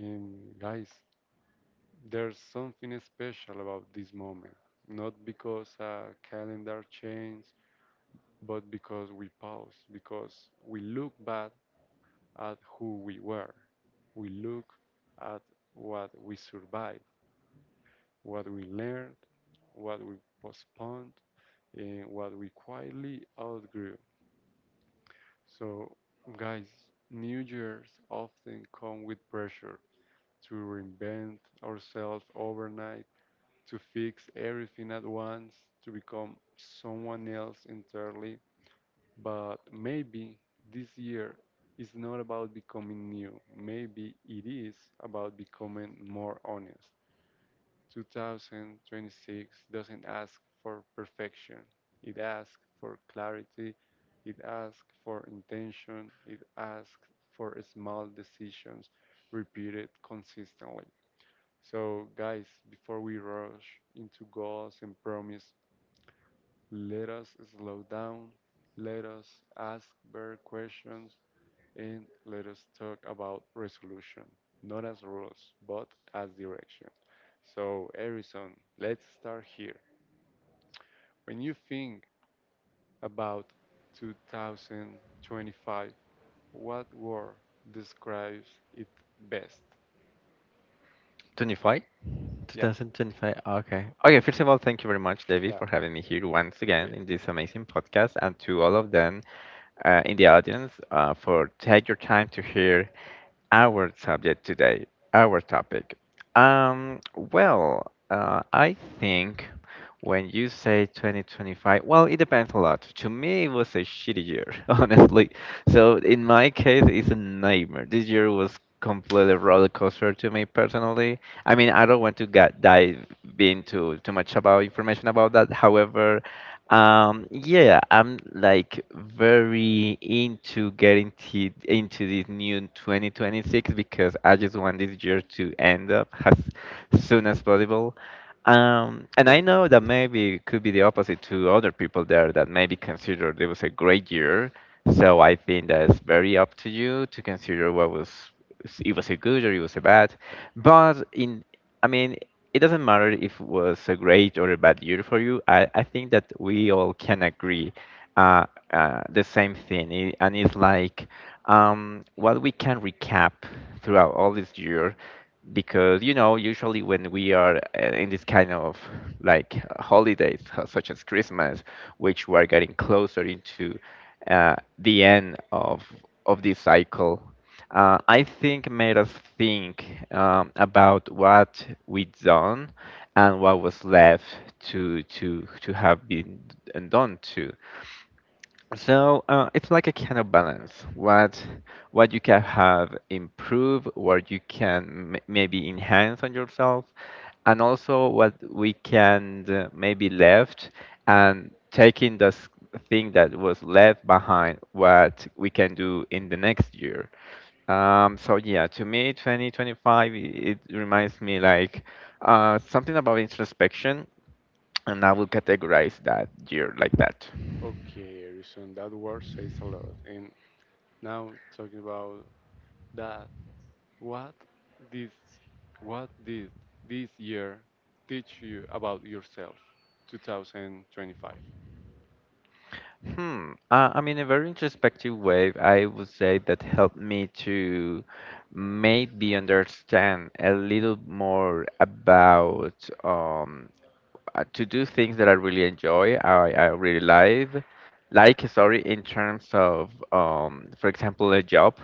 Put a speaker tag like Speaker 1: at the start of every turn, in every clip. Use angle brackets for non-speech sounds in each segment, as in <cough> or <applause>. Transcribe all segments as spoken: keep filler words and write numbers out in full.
Speaker 1: And guys, there's something special about this moment, not because a calendar changed, but because we paused, because we look back at who we were. We look at what we survived, what we learned, what we postponed, and what we quietly outgrew. So, guys, New Year's often come with pressure to reinvent ourselves overnight to fix everything at once, to become someone else entirely. But maybe this year is not about becoming new. Maybe it is about becoming more honest. two thousand twenty-six doesn't ask for perfection, it asks for clarity, it asks for intention, it asks for small decisions repeated consistently. So, guys, before we rush into goals and promise, let us slow down, let us ask better questions, and let us talk about resolution, not as rules, but as direction. So, Harrison, let's start here. When you think about two thousand twenty-five, what word describes it best?
Speaker 2: twenty-five?
Speaker 1: Yeah,
Speaker 2: twenty twenty-five. Okay. Okay, first of all, thank you very much, David,
Speaker 1: yeah,
Speaker 2: for having me here once again
Speaker 1: okay.
Speaker 2: in this amazing podcast, and to all of them uh, in the audience uh, for take your time to hear our subject today, our topic. Um, well, uh, I think when you say twenty twenty-five, well, it depends a lot. To me, it was a shitty year, <laughs> honestly. So in my case, it's a nightmare. This year was completely roller coaster to me personally. I mean, I don't want to get dive into too much about information about that. However, um, yeah, I'm like very into getting t into this new twenty twenty-six because I just want this year to end up <laughs> as soon as possible. Um, and I know that maybe it could be the opposite to other people there that maybe consider it was a great year. So I think that it's very up to you to consider what was it was a good or it was a bad. But in I mean it doesn't matter if it was a great or a bad year for you. I, I think that we all can agree uh, uh, the same thing. I- and it's like um, what we can recap throughout all this year, because you know, usually when we are uh, in this kind of like holidays, uh, such as Christmas, which we are getting closer into uh, the end of of this cycle uh, I think made us think um, about what we done and what was left to to to have been and done too. So uh, it's like a kind of balance. What what you can have improve, what you can m- maybe enhance on yourself, and also what we can uh, maybe left and taking this thing that was left behind, what we can do in the next year. Um, so yeah, to me, twenty twenty-five, i- it reminds me like uh, something about introspection, and I would categorize that year like that.
Speaker 1: Okay, Harrison, that word says a lot. And now talking about that, what this, what did this year teach you about yourself, twenty twenty-five?
Speaker 2: Hmm. Uh, I mean, a very introspective way, I would say that helped me to maybe understand a little more about um, uh, to do things that I really enjoy. I, I really like, like sorry, in terms of, um, for example, a job,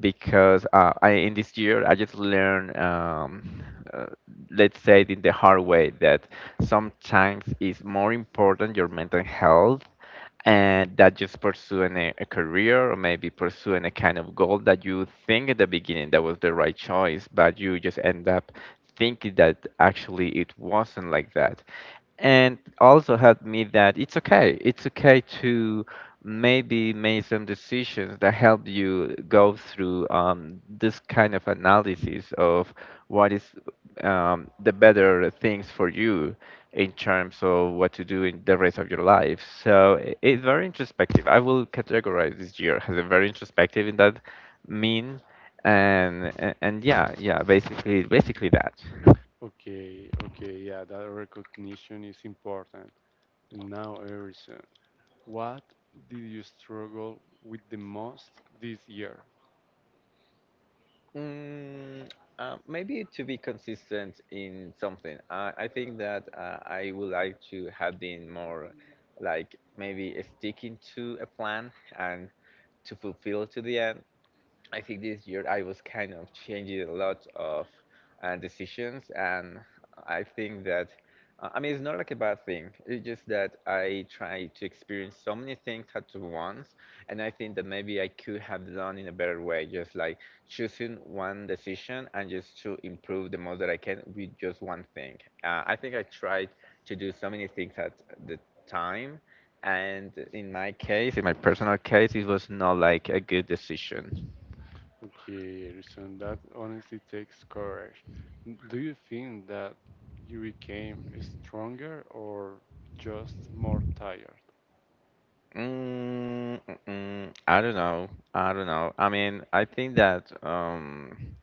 Speaker 2: because uh, I in this year I just learned, um, uh, let's say it in the hard way that sometimes it's more important your mental health and that just pursuing a, a career or maybe pursuing a kind of goal that you think at the beginning that was the right choice, but you just end up thinking that actually it wasn't like that and also helped me that it's okay. It's okay to maybe make some decisions that help you go through um, this kind of analysis of what is um, the better things for you in terms of what to do in the rest of your life. So i- it's very introspective. I will categorize this year as a very introspective in that mean. And, and and yeah, yeah, basically, basically that.
Speaker 1: Okay, okay, yeah, that recognition is important. And now, Harrison, what did you struggle with the most this year?
Speaker 2: Mm, uh, Maybe to be consistent in something. I I think that uh, I would like to have been more like maybe sticking to a plan and to fulfill to the end. I think this year I was kind of changing a lot of uh, decisions, and I think that uh, I mean it's not like a bad thing. It's just that I try to experience so many things at once, and I think that maybe I could have done in a better way, just like choosing one decision and just to improve the most that I can with just one thing. Uh, I think I tried to do so many things at the time. And in my case, in my personal case, it was not like a good decision.
Speaker 1: Okay, Harrison, that honestly takes courage. N- Do you think that you became stronger or just more tired?
Speaker 2: Mm, mm, mm, I don't know. I don't know. I mean, I think that um,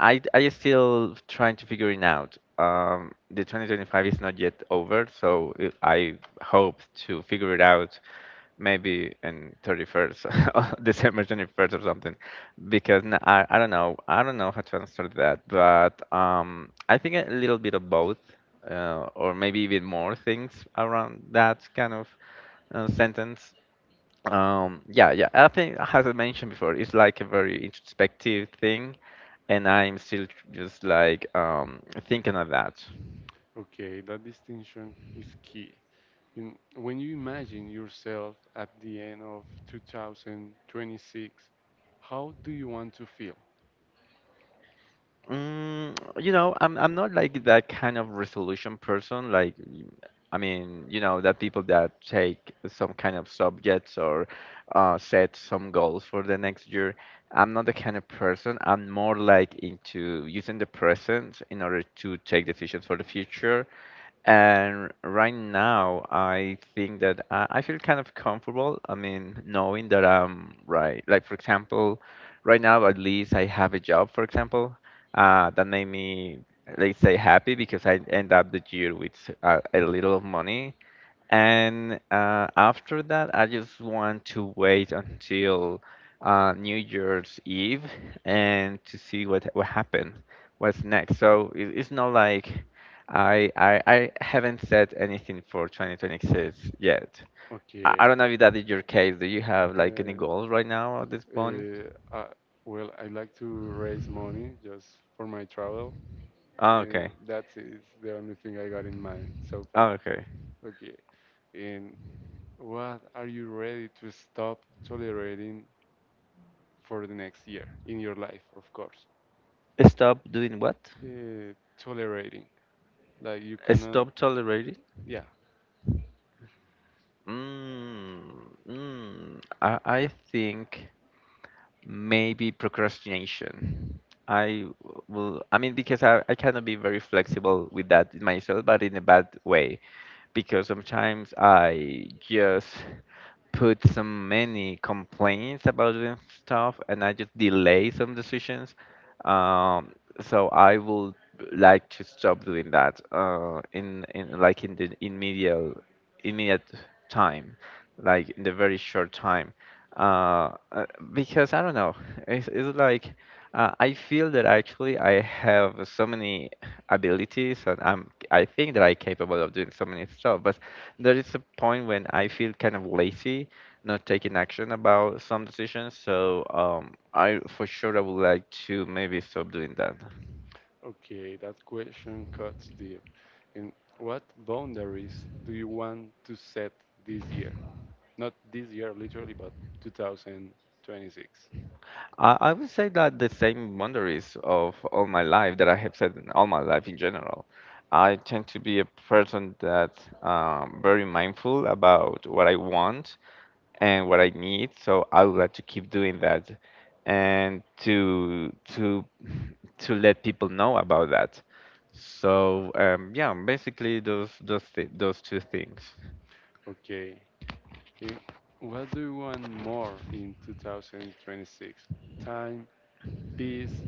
Speaker 2: I I still trying to figure it out. Um, the twenty twenty-five is not yet over, so it- I hope to figure it out maybe in thirty-first, <laughs> December twenty-first or something, because n- I I don't know. I don't know how to answer that, but um, I think a little bit of both, uh, or maybe even more things around that kind of uh, sentence um, yeah, yeah. I think, as I mentioned before, it's like a very introspective thing, and I'm still just like um, thinking of that.
Speaker 1: Okay, that distinction is key. In, when you imagine yourself at the end of two thousand twenty-six, how do you want to feel?
Speaker 2: Mm, you know, I'm I'm not like that kind of resolution person. Like, y- I mean, you know, that people that take some kind of subjects or uh, set some goals for the next year. I'm not the kind of person. I'm more like into using the present in order to take decisions for the future. And right now, I think that I, I feel kind of comfortable. I mean, knowing that I'm right. Like, for example, right now, at least I have a job, for example, uh, that made me, let's say, happy because I end up the year with a, a little of money. And uh, after that, I just want to wait until uh, New Year's Eve and to see what what happened, what's next. So it, it's not like. I, I I haven't said anything for twenty twenty-six yet. I, I
Speaker 1: Okay,
Speaker 2: don't know if that is your case. Do you have like any goals
Speaker 1: uh,
Speaker 2: right now at this point?
Speaker 1: uh, I, well, I like to raise money just for my travel.
Speaker 2: Oh,
Speaker 1: Uh,
Speaker 2: okay.
Speaker 1: that's it. It's the only thing I got in mind so
Speaker 2: Oh,
Speaker 1: far.
Speaker 2: okay.
Speaker 1: Okay, and what are you ready to stop tolerating for the next year in your life, of course?
Speaker 2: Stop doing what?
Speaker 1: Uh, tolerating. Like you cannot.
Speaker 2: Stop tolerating?
Speaker 1: Yeah.
Speaker 2: Mm, mm, I, I think. Maybe procrastination. I will, I mean, because I, I cannot be very flexible with that in myself, but in a bad way. Because sometimes I just put so many complaints about the stuff and I just delay some decisions. Um, so I would like to stop doing that uh, in, in like in the immediate immediate time, like in the very short time. Uh, uh, because I don't know, it's, it's like uh, I feel that actually I have so many abilities and I'm I think that I'm capable of doing so many stuff, but there is a point when I feel kind of lazy, not taking action about some decisions. So um, I for sure I would like to maybe stop doing that.
Speaker 1: Okay, that question cuts deep. And what boundaries do you want to set this year? Not this year, literally, but two thousand twenty-six.
Speaker 2: I, I would say that the same boundaries of all my life that I have set in all my life in general. I tend to be a person that um, very mindful about what I want and what I need, so I would like to keep doing that and to to to let people know about that. So um, yeah, basically those those th- those two things.
Speaker 1: Okay. And what do you want more in two thousand twenty-six? Time, peace,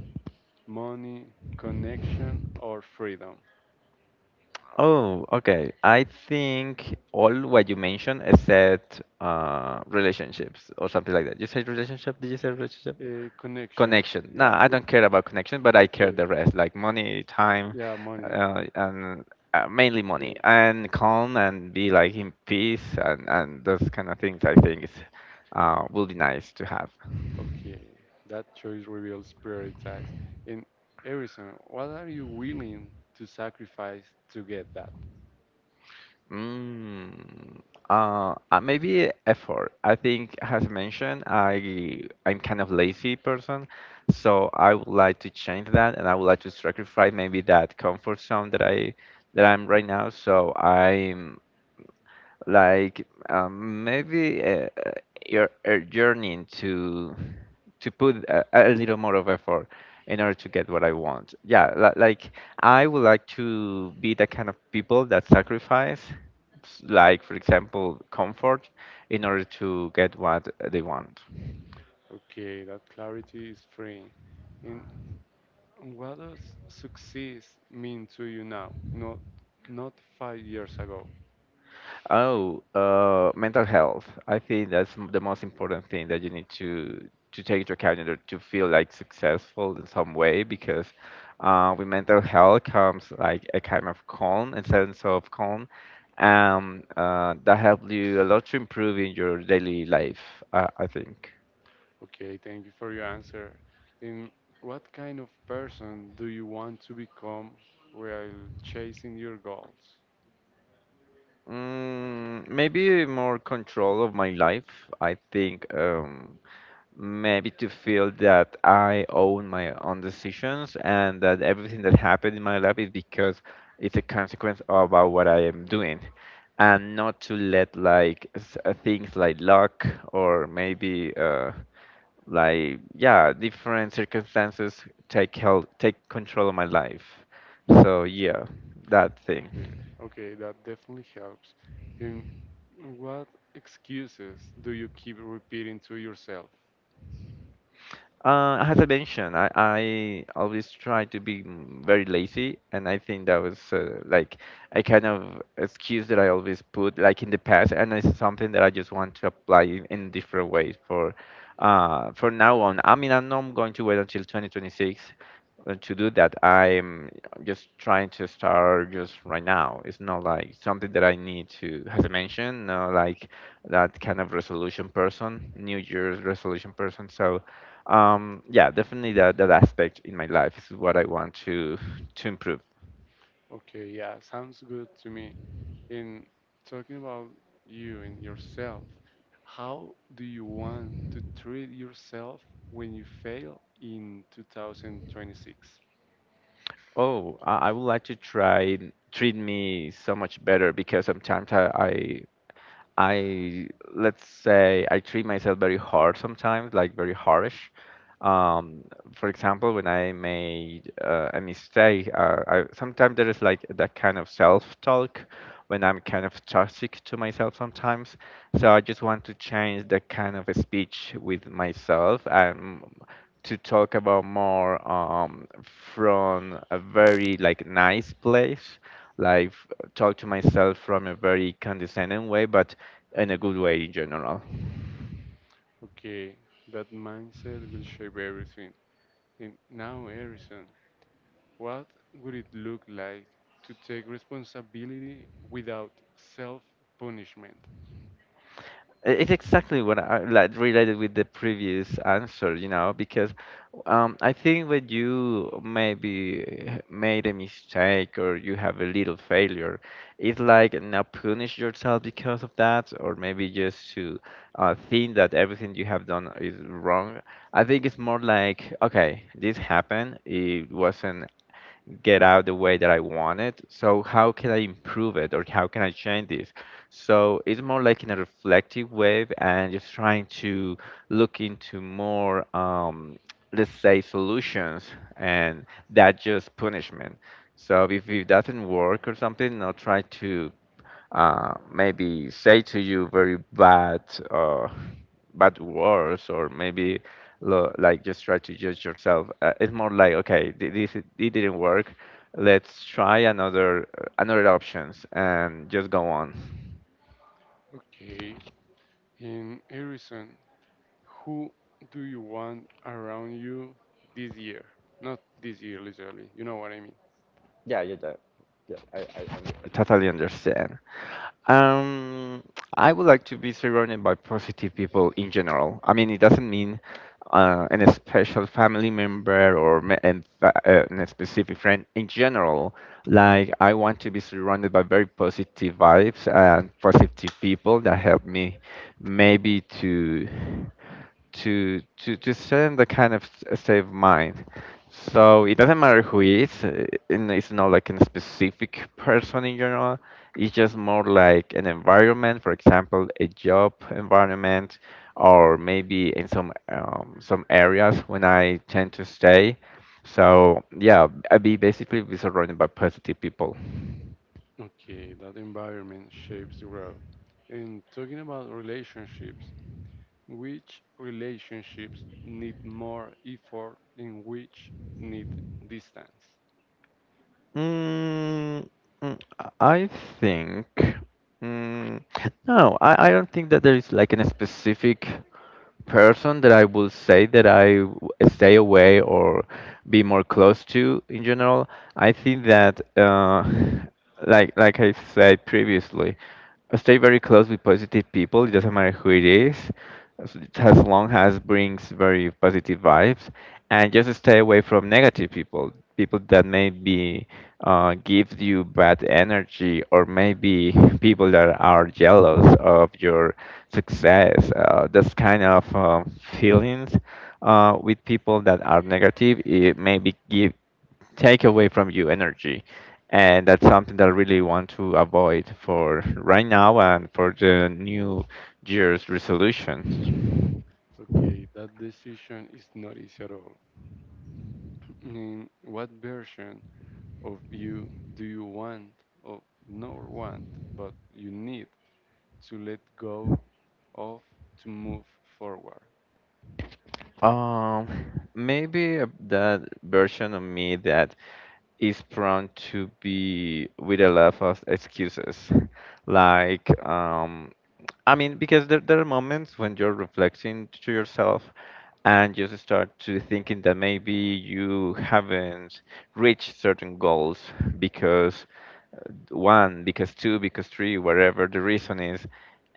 Speaker 1: money, connection, or freedom?
Speaker 2: Oh, okay. I think all what you mentioned except uh, relationships or something like that. You said relationship? Did you say relationship?
Speaker 1: Uh, connection.
Speaker 2: Connection. No,
Speaker 1: Yeah.
Speaker 2: I
Speaker 1: Could
Speaker 2: don't
Speaker 1: be.
Speaker 2: care about connection, but I care
Speaker 1: Okay.
Speaker 2: the rest, like money, time,
Speaker 1: Yeah, money.
Speaker 2: uh, and uh, mainly money,
Speaker 1: Okay.
Speaker 2: and calm and be like in peace and and those kind of things. I think is uh, will be nice to have.
Speaker 1: Okay, that choice reveals prioritize. In Harrison, what are you willing to sacrifice to get that?
Speaker 2: Mm, uh, uh, Maybe effort. I think, as mentioned, I I'm kind of lazy person, so I would like to change that, and I would like to sacrifice maybe that comfort zone that I that I'm right now. So I'm like um, maybe uh, uh, you're, uh yearning to to put a, a little more of effort in order to get what I want. Yeah, li- like I would like to be the kind of people that sacrifice, s- like for example, comfort in order to get what they want.
Speaker 1: Okay, that clarity is freeing. And what does success mean to you now, not not five years ago?
Speaker 2: Oh, uh, Mental health. I think that's m- the most important thing that you need to to take into account in order to feel like successful in some way because uh, with mental health comes like a kind of calm, a sense of calm, um, uh, that helps you a lot to improve in your daily life, uh, I think.
Speaker 1: Okay, thank you for your answer. And what kind of person do you want to become while chasing your goals?
Speaker 2: Mm, maybe more control of my life. I think um, maybe to feel that I own my own decisions and that everything that happened in my life is because it's a consequence about what I am doing, and not to let like s- uh, things like luck or maybe uh, like yeah different circumstances take held, take control of my life. So yeah, that thing.
Speaker 1: Okay. Okay, that definitely helps. And what excuses do you keep repeating to yourself?
Speaker 2: Uh, as I mentioned, I, I always try to be mm, very lazy, and I think that was uh, like a kind of excuse that I always put like in the past, and it's something that I just want to apply in, in different ways for uh, for now on. I mean, I'm not going to wait until twenty twenty-six uh, to do that. I'm just trying to start just right now. It's not like something that I need to, as I mentioned, no, like that kind of resolution person, New Year's resolution person. So. Um, yeah, definitely that that aspect in my life is what I want to to improve.
Speaker 1: Okay, yeah, sounds good to me. In talking about you and yourself, how do you want to treat yourself when you fail in two thousand twenty-six?
Speaker 2: Oh, I I would like to try treat me so much better because sometimes I, I I let's say I treat myself very hard sometimes, like very harsh. Um, for example, when I made uh, a mistake, uh, I, sometimes there is like that kind of self-talk when I'm kind of toxic to myself sometimes. So I just want to change that kind of a speech with myself and to talk about more um, from a very like nice place, like f- talk to myself from a very condescending way, but in a good way in general.
Speaker 1: Okay, that mindset will shape everything. And now, Harrison, what would it look like to take responsibility without self punishment?
Speaker 2: I- It's exactly what I like related with the previous answer, you know, because um, I think when you maybe made a mistake or you have a little failure, it's like not punish yourself because of that, or maybe just to uh, think that everything you have done is wrong. I think it's more like, okay, this happened. It wasn't get out the way that I want it. So how can I improve it or how can I change this? So it's more like in a reflective way and just trying to look into more, um, let's say, solutions and that just punishment. So if it doesn't work or something, I'll try to uh, maybe say to you very bad uh, bad words or maybe lo- like just try to judge yourself uh, it's more like okay thi- this it didn't work. Let's try another uh, another options and just go on.
Speaker 1: Okay. In Harrison, who do you want around you this year? Not this year, literally. You know what I mean.
Speaker 2: Yeah, yeah, yeah. yeah I, I, I totally understand. Um, I would like to be surrounded by positive people in general. I mean, it doesn't mean uh, an special family member or me- and fa- uh, and a specific friend. In general, like I want to be surrounded by very positive vibes and positive people that help me maybe to to to to send the kind of s- state of mind. So it doesn't matter who it is, uh, and it's not like a specific person in general. It's just more like an environment, for example, a job environment, or maybe in some um, some areas when I tend to stay. So yeah, I be basically be surrounded by positive people.
Speaker 1: Okay, that environment shapes growth. And talking about relationships, which relationships need more effort and which need distance?
Speaker 2: Mm, mm, I think. Mm, no, I, I don't think that there is like an specific person that I will say that I w- stay away or be more close to in general. I think that, uh, <laughs> like like I said previously, I stay very close with positive people. It doesn't matter who it is, as as long as brings very positive vibes, and just stay away from negative people people that maybe uh, give you bad energy or maybe <laughs> people that are jealous of your success uh, this kind of uh, feelings uh, with people that are negative it maybe give take away from you energy, and that's something that I really want to avoid for right now and for the new year's resolutions.
Speaker 1: Okay, that decision is not easy at all. Mm, what version of you do you want, or not want, but you need to let go of to move forward?
Speaker 2: Um, Maybe a- that version of me that is prone to be with a lot of excuses. Like, um, I mean, because there, there are moments when you're reflecting to yourself and just start to thinking that maybe you haven't reached certain goals because uh, one, because two, because three, whatever the reason is,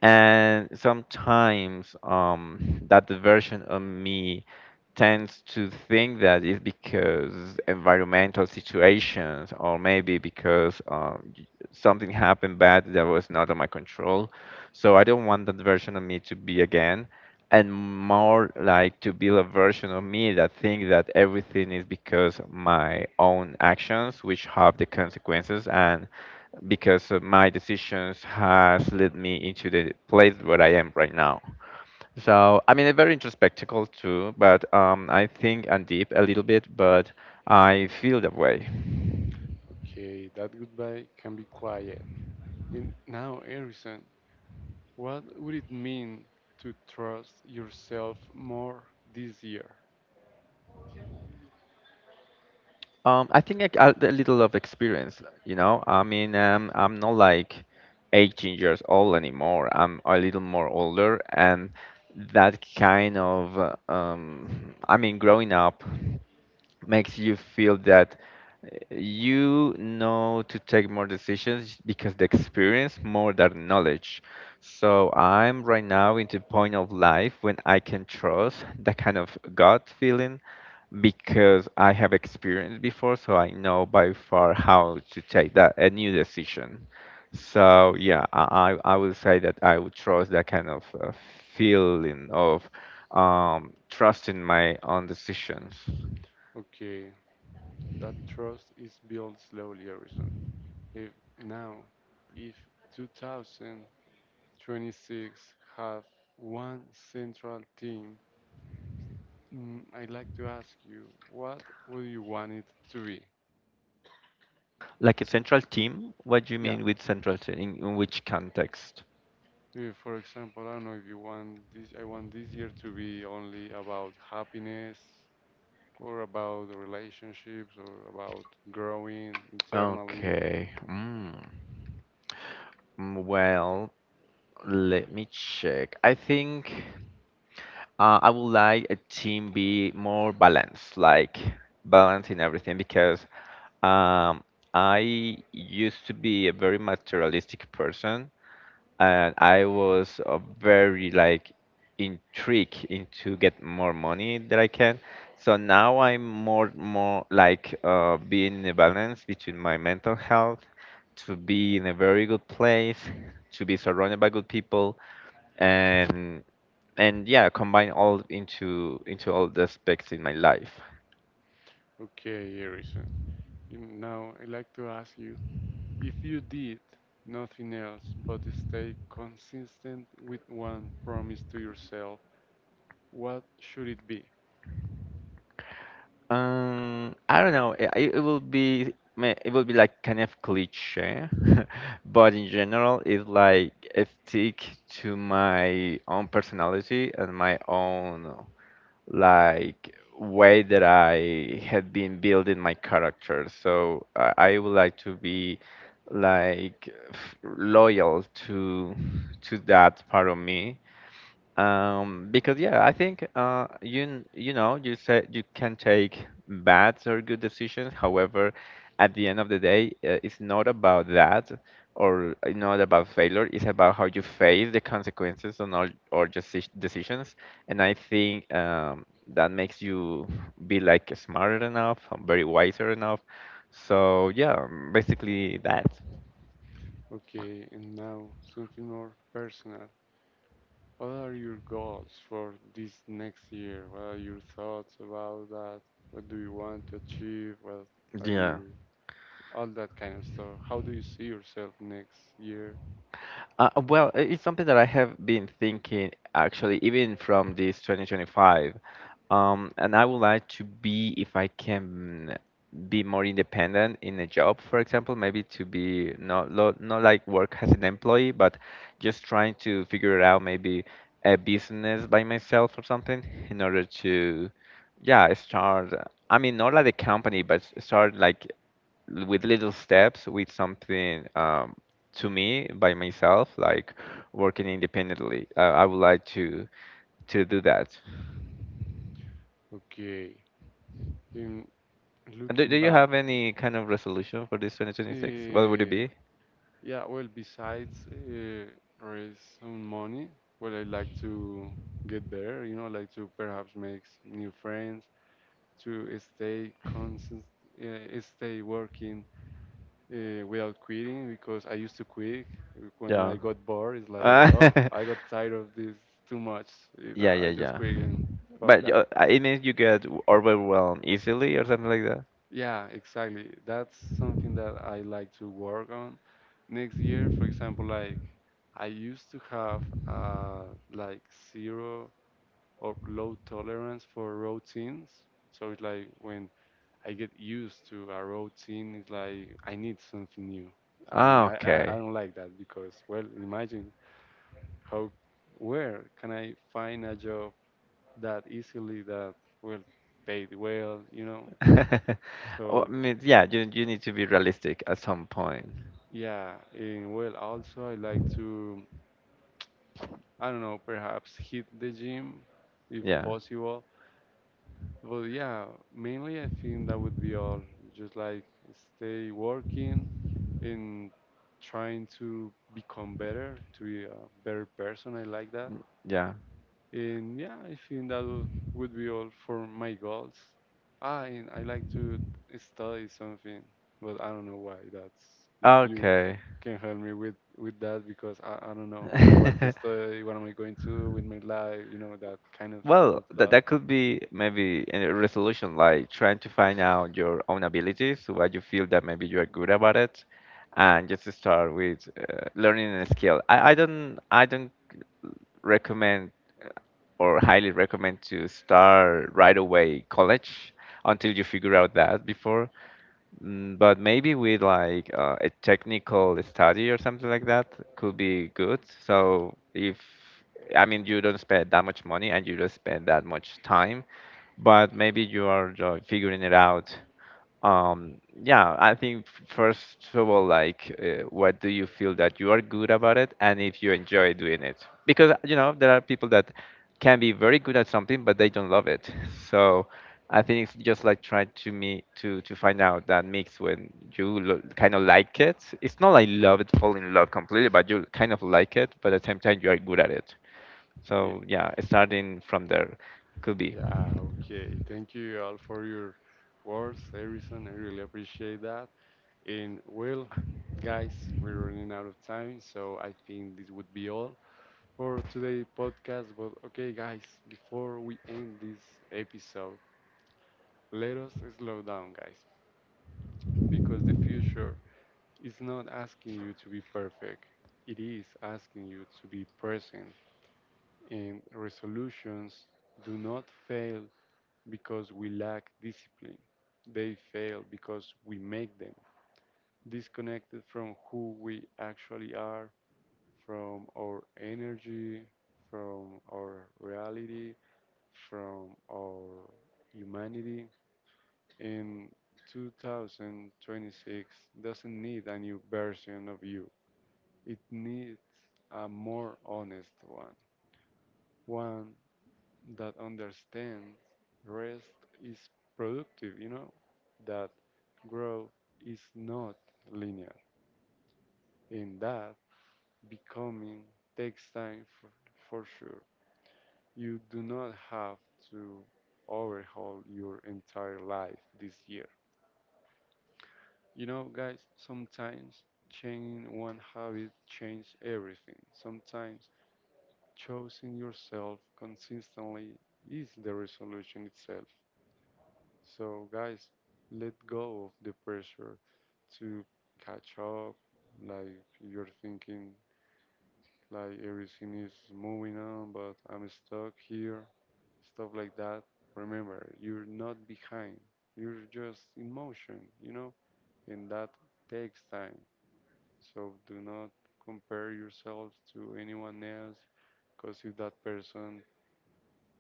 Speaker 2: and sometimes um, that version of me tends to think that it's because environmental situations or maybe because um, y- something happened bad that was not on my control. So I don't want that version of me to be again, and more like to build a version of me that thinks that everything is because my own actions which have the consequences, and because of my decisions has led me into the place where I am right now. So I mean, it's very introspectical too, but um, I think and deep a little bit, but I feel that way.
Speaker 1: Okay, that goodbye can be quiet. And now, Harrison, what would it mean to trust yourself more this year?
Speaker 2: Um, I think like, a a little of experience, you know. I mean, um, I'm not like eighteen years old anymore. I'm a little more older, and that kind of, uh, um, I mean, growing up makes you feel that uh, you know to take more decisions because the experience more than knowledge. So I'm right now into point of life when I can trust that kind of gut feeling because I have experience before, so I know by far how to take that a new decision. So yeah, I I I would say that I would trust that kind of uh, feeling of um, trusting my own decisions.
Speaker 1: Okay, that trust is built slowly, Harrison. If now, if two thousand twenty-six have one central team. Mm, I'd like to ask you, what would you want it to be?
Speaker 2: Like a central team? What do you
Speaker 1: Yeah,
Speaker 2: mean with central team? In, in which context?
Speaker 1: if, for example, I don't know if you want this, I want this year to be only about happiness or about relationships or about growing internally.
Speaker 2: Okay. Mm. Mm, well, let me check. I think. Uh, I would like a team be more balanced, like balance in everything, because um, I used to be a very materialistic person, and I was uh, very like intrigued into get more money that I can. So now I'm more more like uh, being in a balance between my mental health, to be in a very good place, to be surrounded by good people, and and yeah combine all into into all the aspects in my life.
Speaker 1: Okay, Harrison. You Now, I'd like to ask you, if you did nothing else but stay consistent with one promise to yourself, what should it be?
Speaker 2: um I don't know, it, it will be ma- it will be like kind of cliche <laughs> but in general it's like I stick to my own personality and my own like way that I had been building my character. So i, I would like to be like f- loyal to to that part of me. Um, because yeah, I think uh, you n- you know you said you can take bad or good decisions. However, at the end of the day, uh, it's not about that or uh, not about failure. It's about how you face the consequences on all or just decisions. And I think um, that makes you be like smarter enough, um, very wiser enough. So yeah, um, basically that.
Speaker 1: Okay, and now something more personal. What are your goals for this next year? What are your thoughts about that? What do you want to achieve? What are
Speaker 2: Yeah.
Speaker 1: you? All that kind of stuff. How do you see yourself next year?
Speaker 2: Uh, uh, well, i- it's something that I have been thinking actually, even from this two thousand twenty-five. Um, and I would like to be, if I can, be more independent in a job, for example, maybe to be not lo- not like work as an employee, but just trying to figure out maybe a business by myself or something in order to, yeah, start. I mean, not like a company, but s- start like l- with little steps with something. Um, to me by myself, like working independently. I, I would like to to do that.
Speaker 1: Okay. In
Speaker 2: And do, do
Speaker 1: looking
Speaker 2: you
Speaker 1: back,
Speaker 2: have any kind of resolution for this twenty twenty-six? What would it
Speaker 1: uh,
Speaker 2: be?
Speaker 1: yeah, well, besides uh, raise some money, well, I like to get there, you know, like to perhaps make new friends, to stay constant, uh, stay working uh, without quitting because I used to quit when
Speaker 2: Yeah.
Speaker 1: I got bored. It's like,
Speaker 2: Uh,
Speaker 1: oh, I got tired
Speaker 2: <laughs>
Speaker 1: of this too much. You know,
Speaker 2: yeah, yeah,
Speaker 1: I just
Speaker 2: yeah.
Speaker 1: quit and fuck
Speaker 2: But
Speaker 1: that.
Speaker 2: uh, it means you get overwhelmed easily or something like that.
Speaker 1: Yeah, exactly. That's something that I like to work on next year. For example, like I used to have uh, like zero or low tolerance for routines. So it's like when I get used to a routine. It's like I need something new,
Speaker 2: Ah,
Speaker 1: and I, I, I
Speaker 2: okay.
Speaker 1: don't like that because well, imagine how where can I find a job that easily that will pay well, you know?
Speaker 2: <laughs> Well, I
Speaker 1: So
Speaker 2: mean, yeah, you you need to be realistic at some point.
Speaker 1: yeah, and well, also I like to I don't know perhaps hit the gym if
Speaker 2: Yeah,
Speaker 1: possible. Well, yeah, mainly I think that would be all. Just like stay working and trying to become better, to be a better person. I like that.
Speaker 2: yeah.
Speaker 1: And yeah, I think that would would be all for my goals. Ah, and I like to study something, but I don't know why. That's if you
Speaker 2: Okay.
Speaker 1: can help me with with that because I, I don't know what to
Speaker 2: <laughs>
Speaker 1: study, what am I going to do with my life, you know, that kind of
Speaker 2: Well,
Speaker 1: of
Speaker 2: that
Speaker 1: that.
Speaker 2: that could be maybe a resolution, like trying to find out your own abilities, what you feel that maybe you are good about it, and just to start with uh, learning a skill. I, I don't I don't recommend uh, or highly recommend to start right away college until you figure out that before. Mm, but maybe with like uh, a technical study or something like that could be good. So if I mean you don't spend that much money and you don't spend that much time, but maybe you are uh, figuring it out, um, yeah, I think first of all, like, uh, what do you feel that you are good about it, and if you enjoy doing it? Because you know there are people that can be very good at something, but they don't love it. <laughs> So I think it's just like trying to me to to find out that mix when you lo- kind of like it. It's not like love it, fall in love completely, but you kind of like it. But at the same time, you are good at it. So yeah, starting from there could be.
Speaker 1: Yeah, okay. Thank you all for your words, Harrison. I really appreciate that. And well, guys, we're running out of time, so I think this would be all for today's podcast. But okay, guys, before we end this episode, let us slow down, guys, because the future is not asking you to be perfect, it is asking you to be present. And resolutions do not fail because we lack discipline. They fail because we make them disconnected from who we actually are, from our energy, from our reality, from our humanity. In twenty twenty-six doesn't need a new version of you. It needs a more honest one, one that understands rest is productive, you know, that growth is not linear, and that becoming takes time for, for sure. You do not have to overhaul your entire life this year. You know, guys, sometimes changing one habit changes everything. Sometimes choosing yourself consistently is the resolution itself. So, guys, let go of the pressure to catch up. Like, you're thinking, like, everything is moving on, but I'm stuck here, stuff like that. Remember, you're not behind, you're just in motion, you know, and that takes time. So, do not compare yourself to anyone else because if that person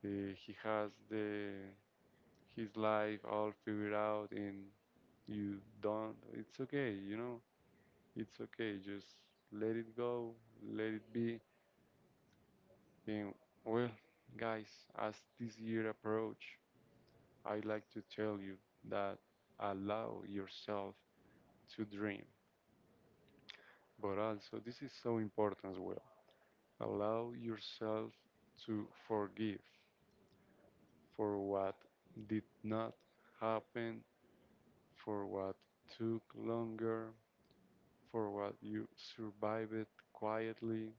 Speaker 1: uh, he has the his life all figured out and you don't, it's okay, you know, it's okay. Just let it go, let it be. And well, guys, as this year approach, I like to tell you that allow yourself to dream. But also, this is so important as well. Allow yourself to forgive for what did not happen, for what took longer, for what you survived quietly.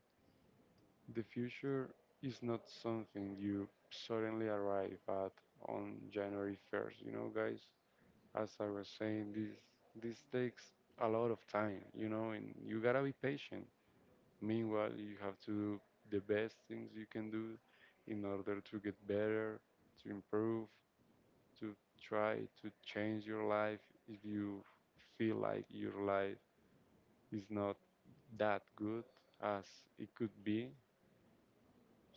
Speaker 1: The future is not something you suddenly arrive at on January first, you know, guys. As I was saying, this this takes a lot of time, you know, and you gotta be patient. Meanwhile, you have to do the best things you can do in order to get better, to improve, to try to change your life if you feel like your life is not that good as it could be.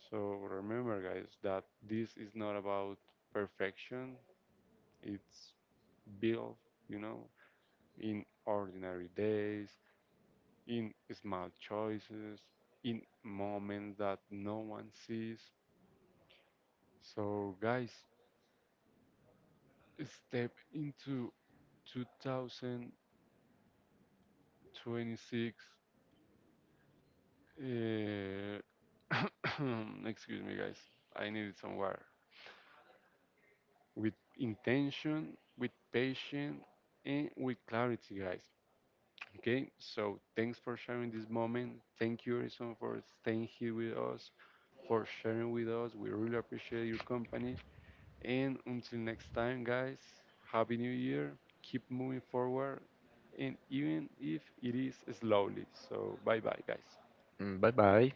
Speaker 1: So remember, guys, that this is not about perfection. It's built, you know, in ordinary days, in small choices, in moments that no one sees. So, guys, step into two thousand twenty-six. Uh, <coughs> Excuse me, guys. I need it somewhere. With intention, with patience, and with clarity, guys. Okay, so thanks for sharing this moment. Thank you, Harrison, for staying here with us, for sharing with us. We really appreciate your company. And until next time, guys, Happy New Year. Keep moving forward, and even if it is slowly. So, bye bye, guys.
Speaker 2: Mm, bye bye.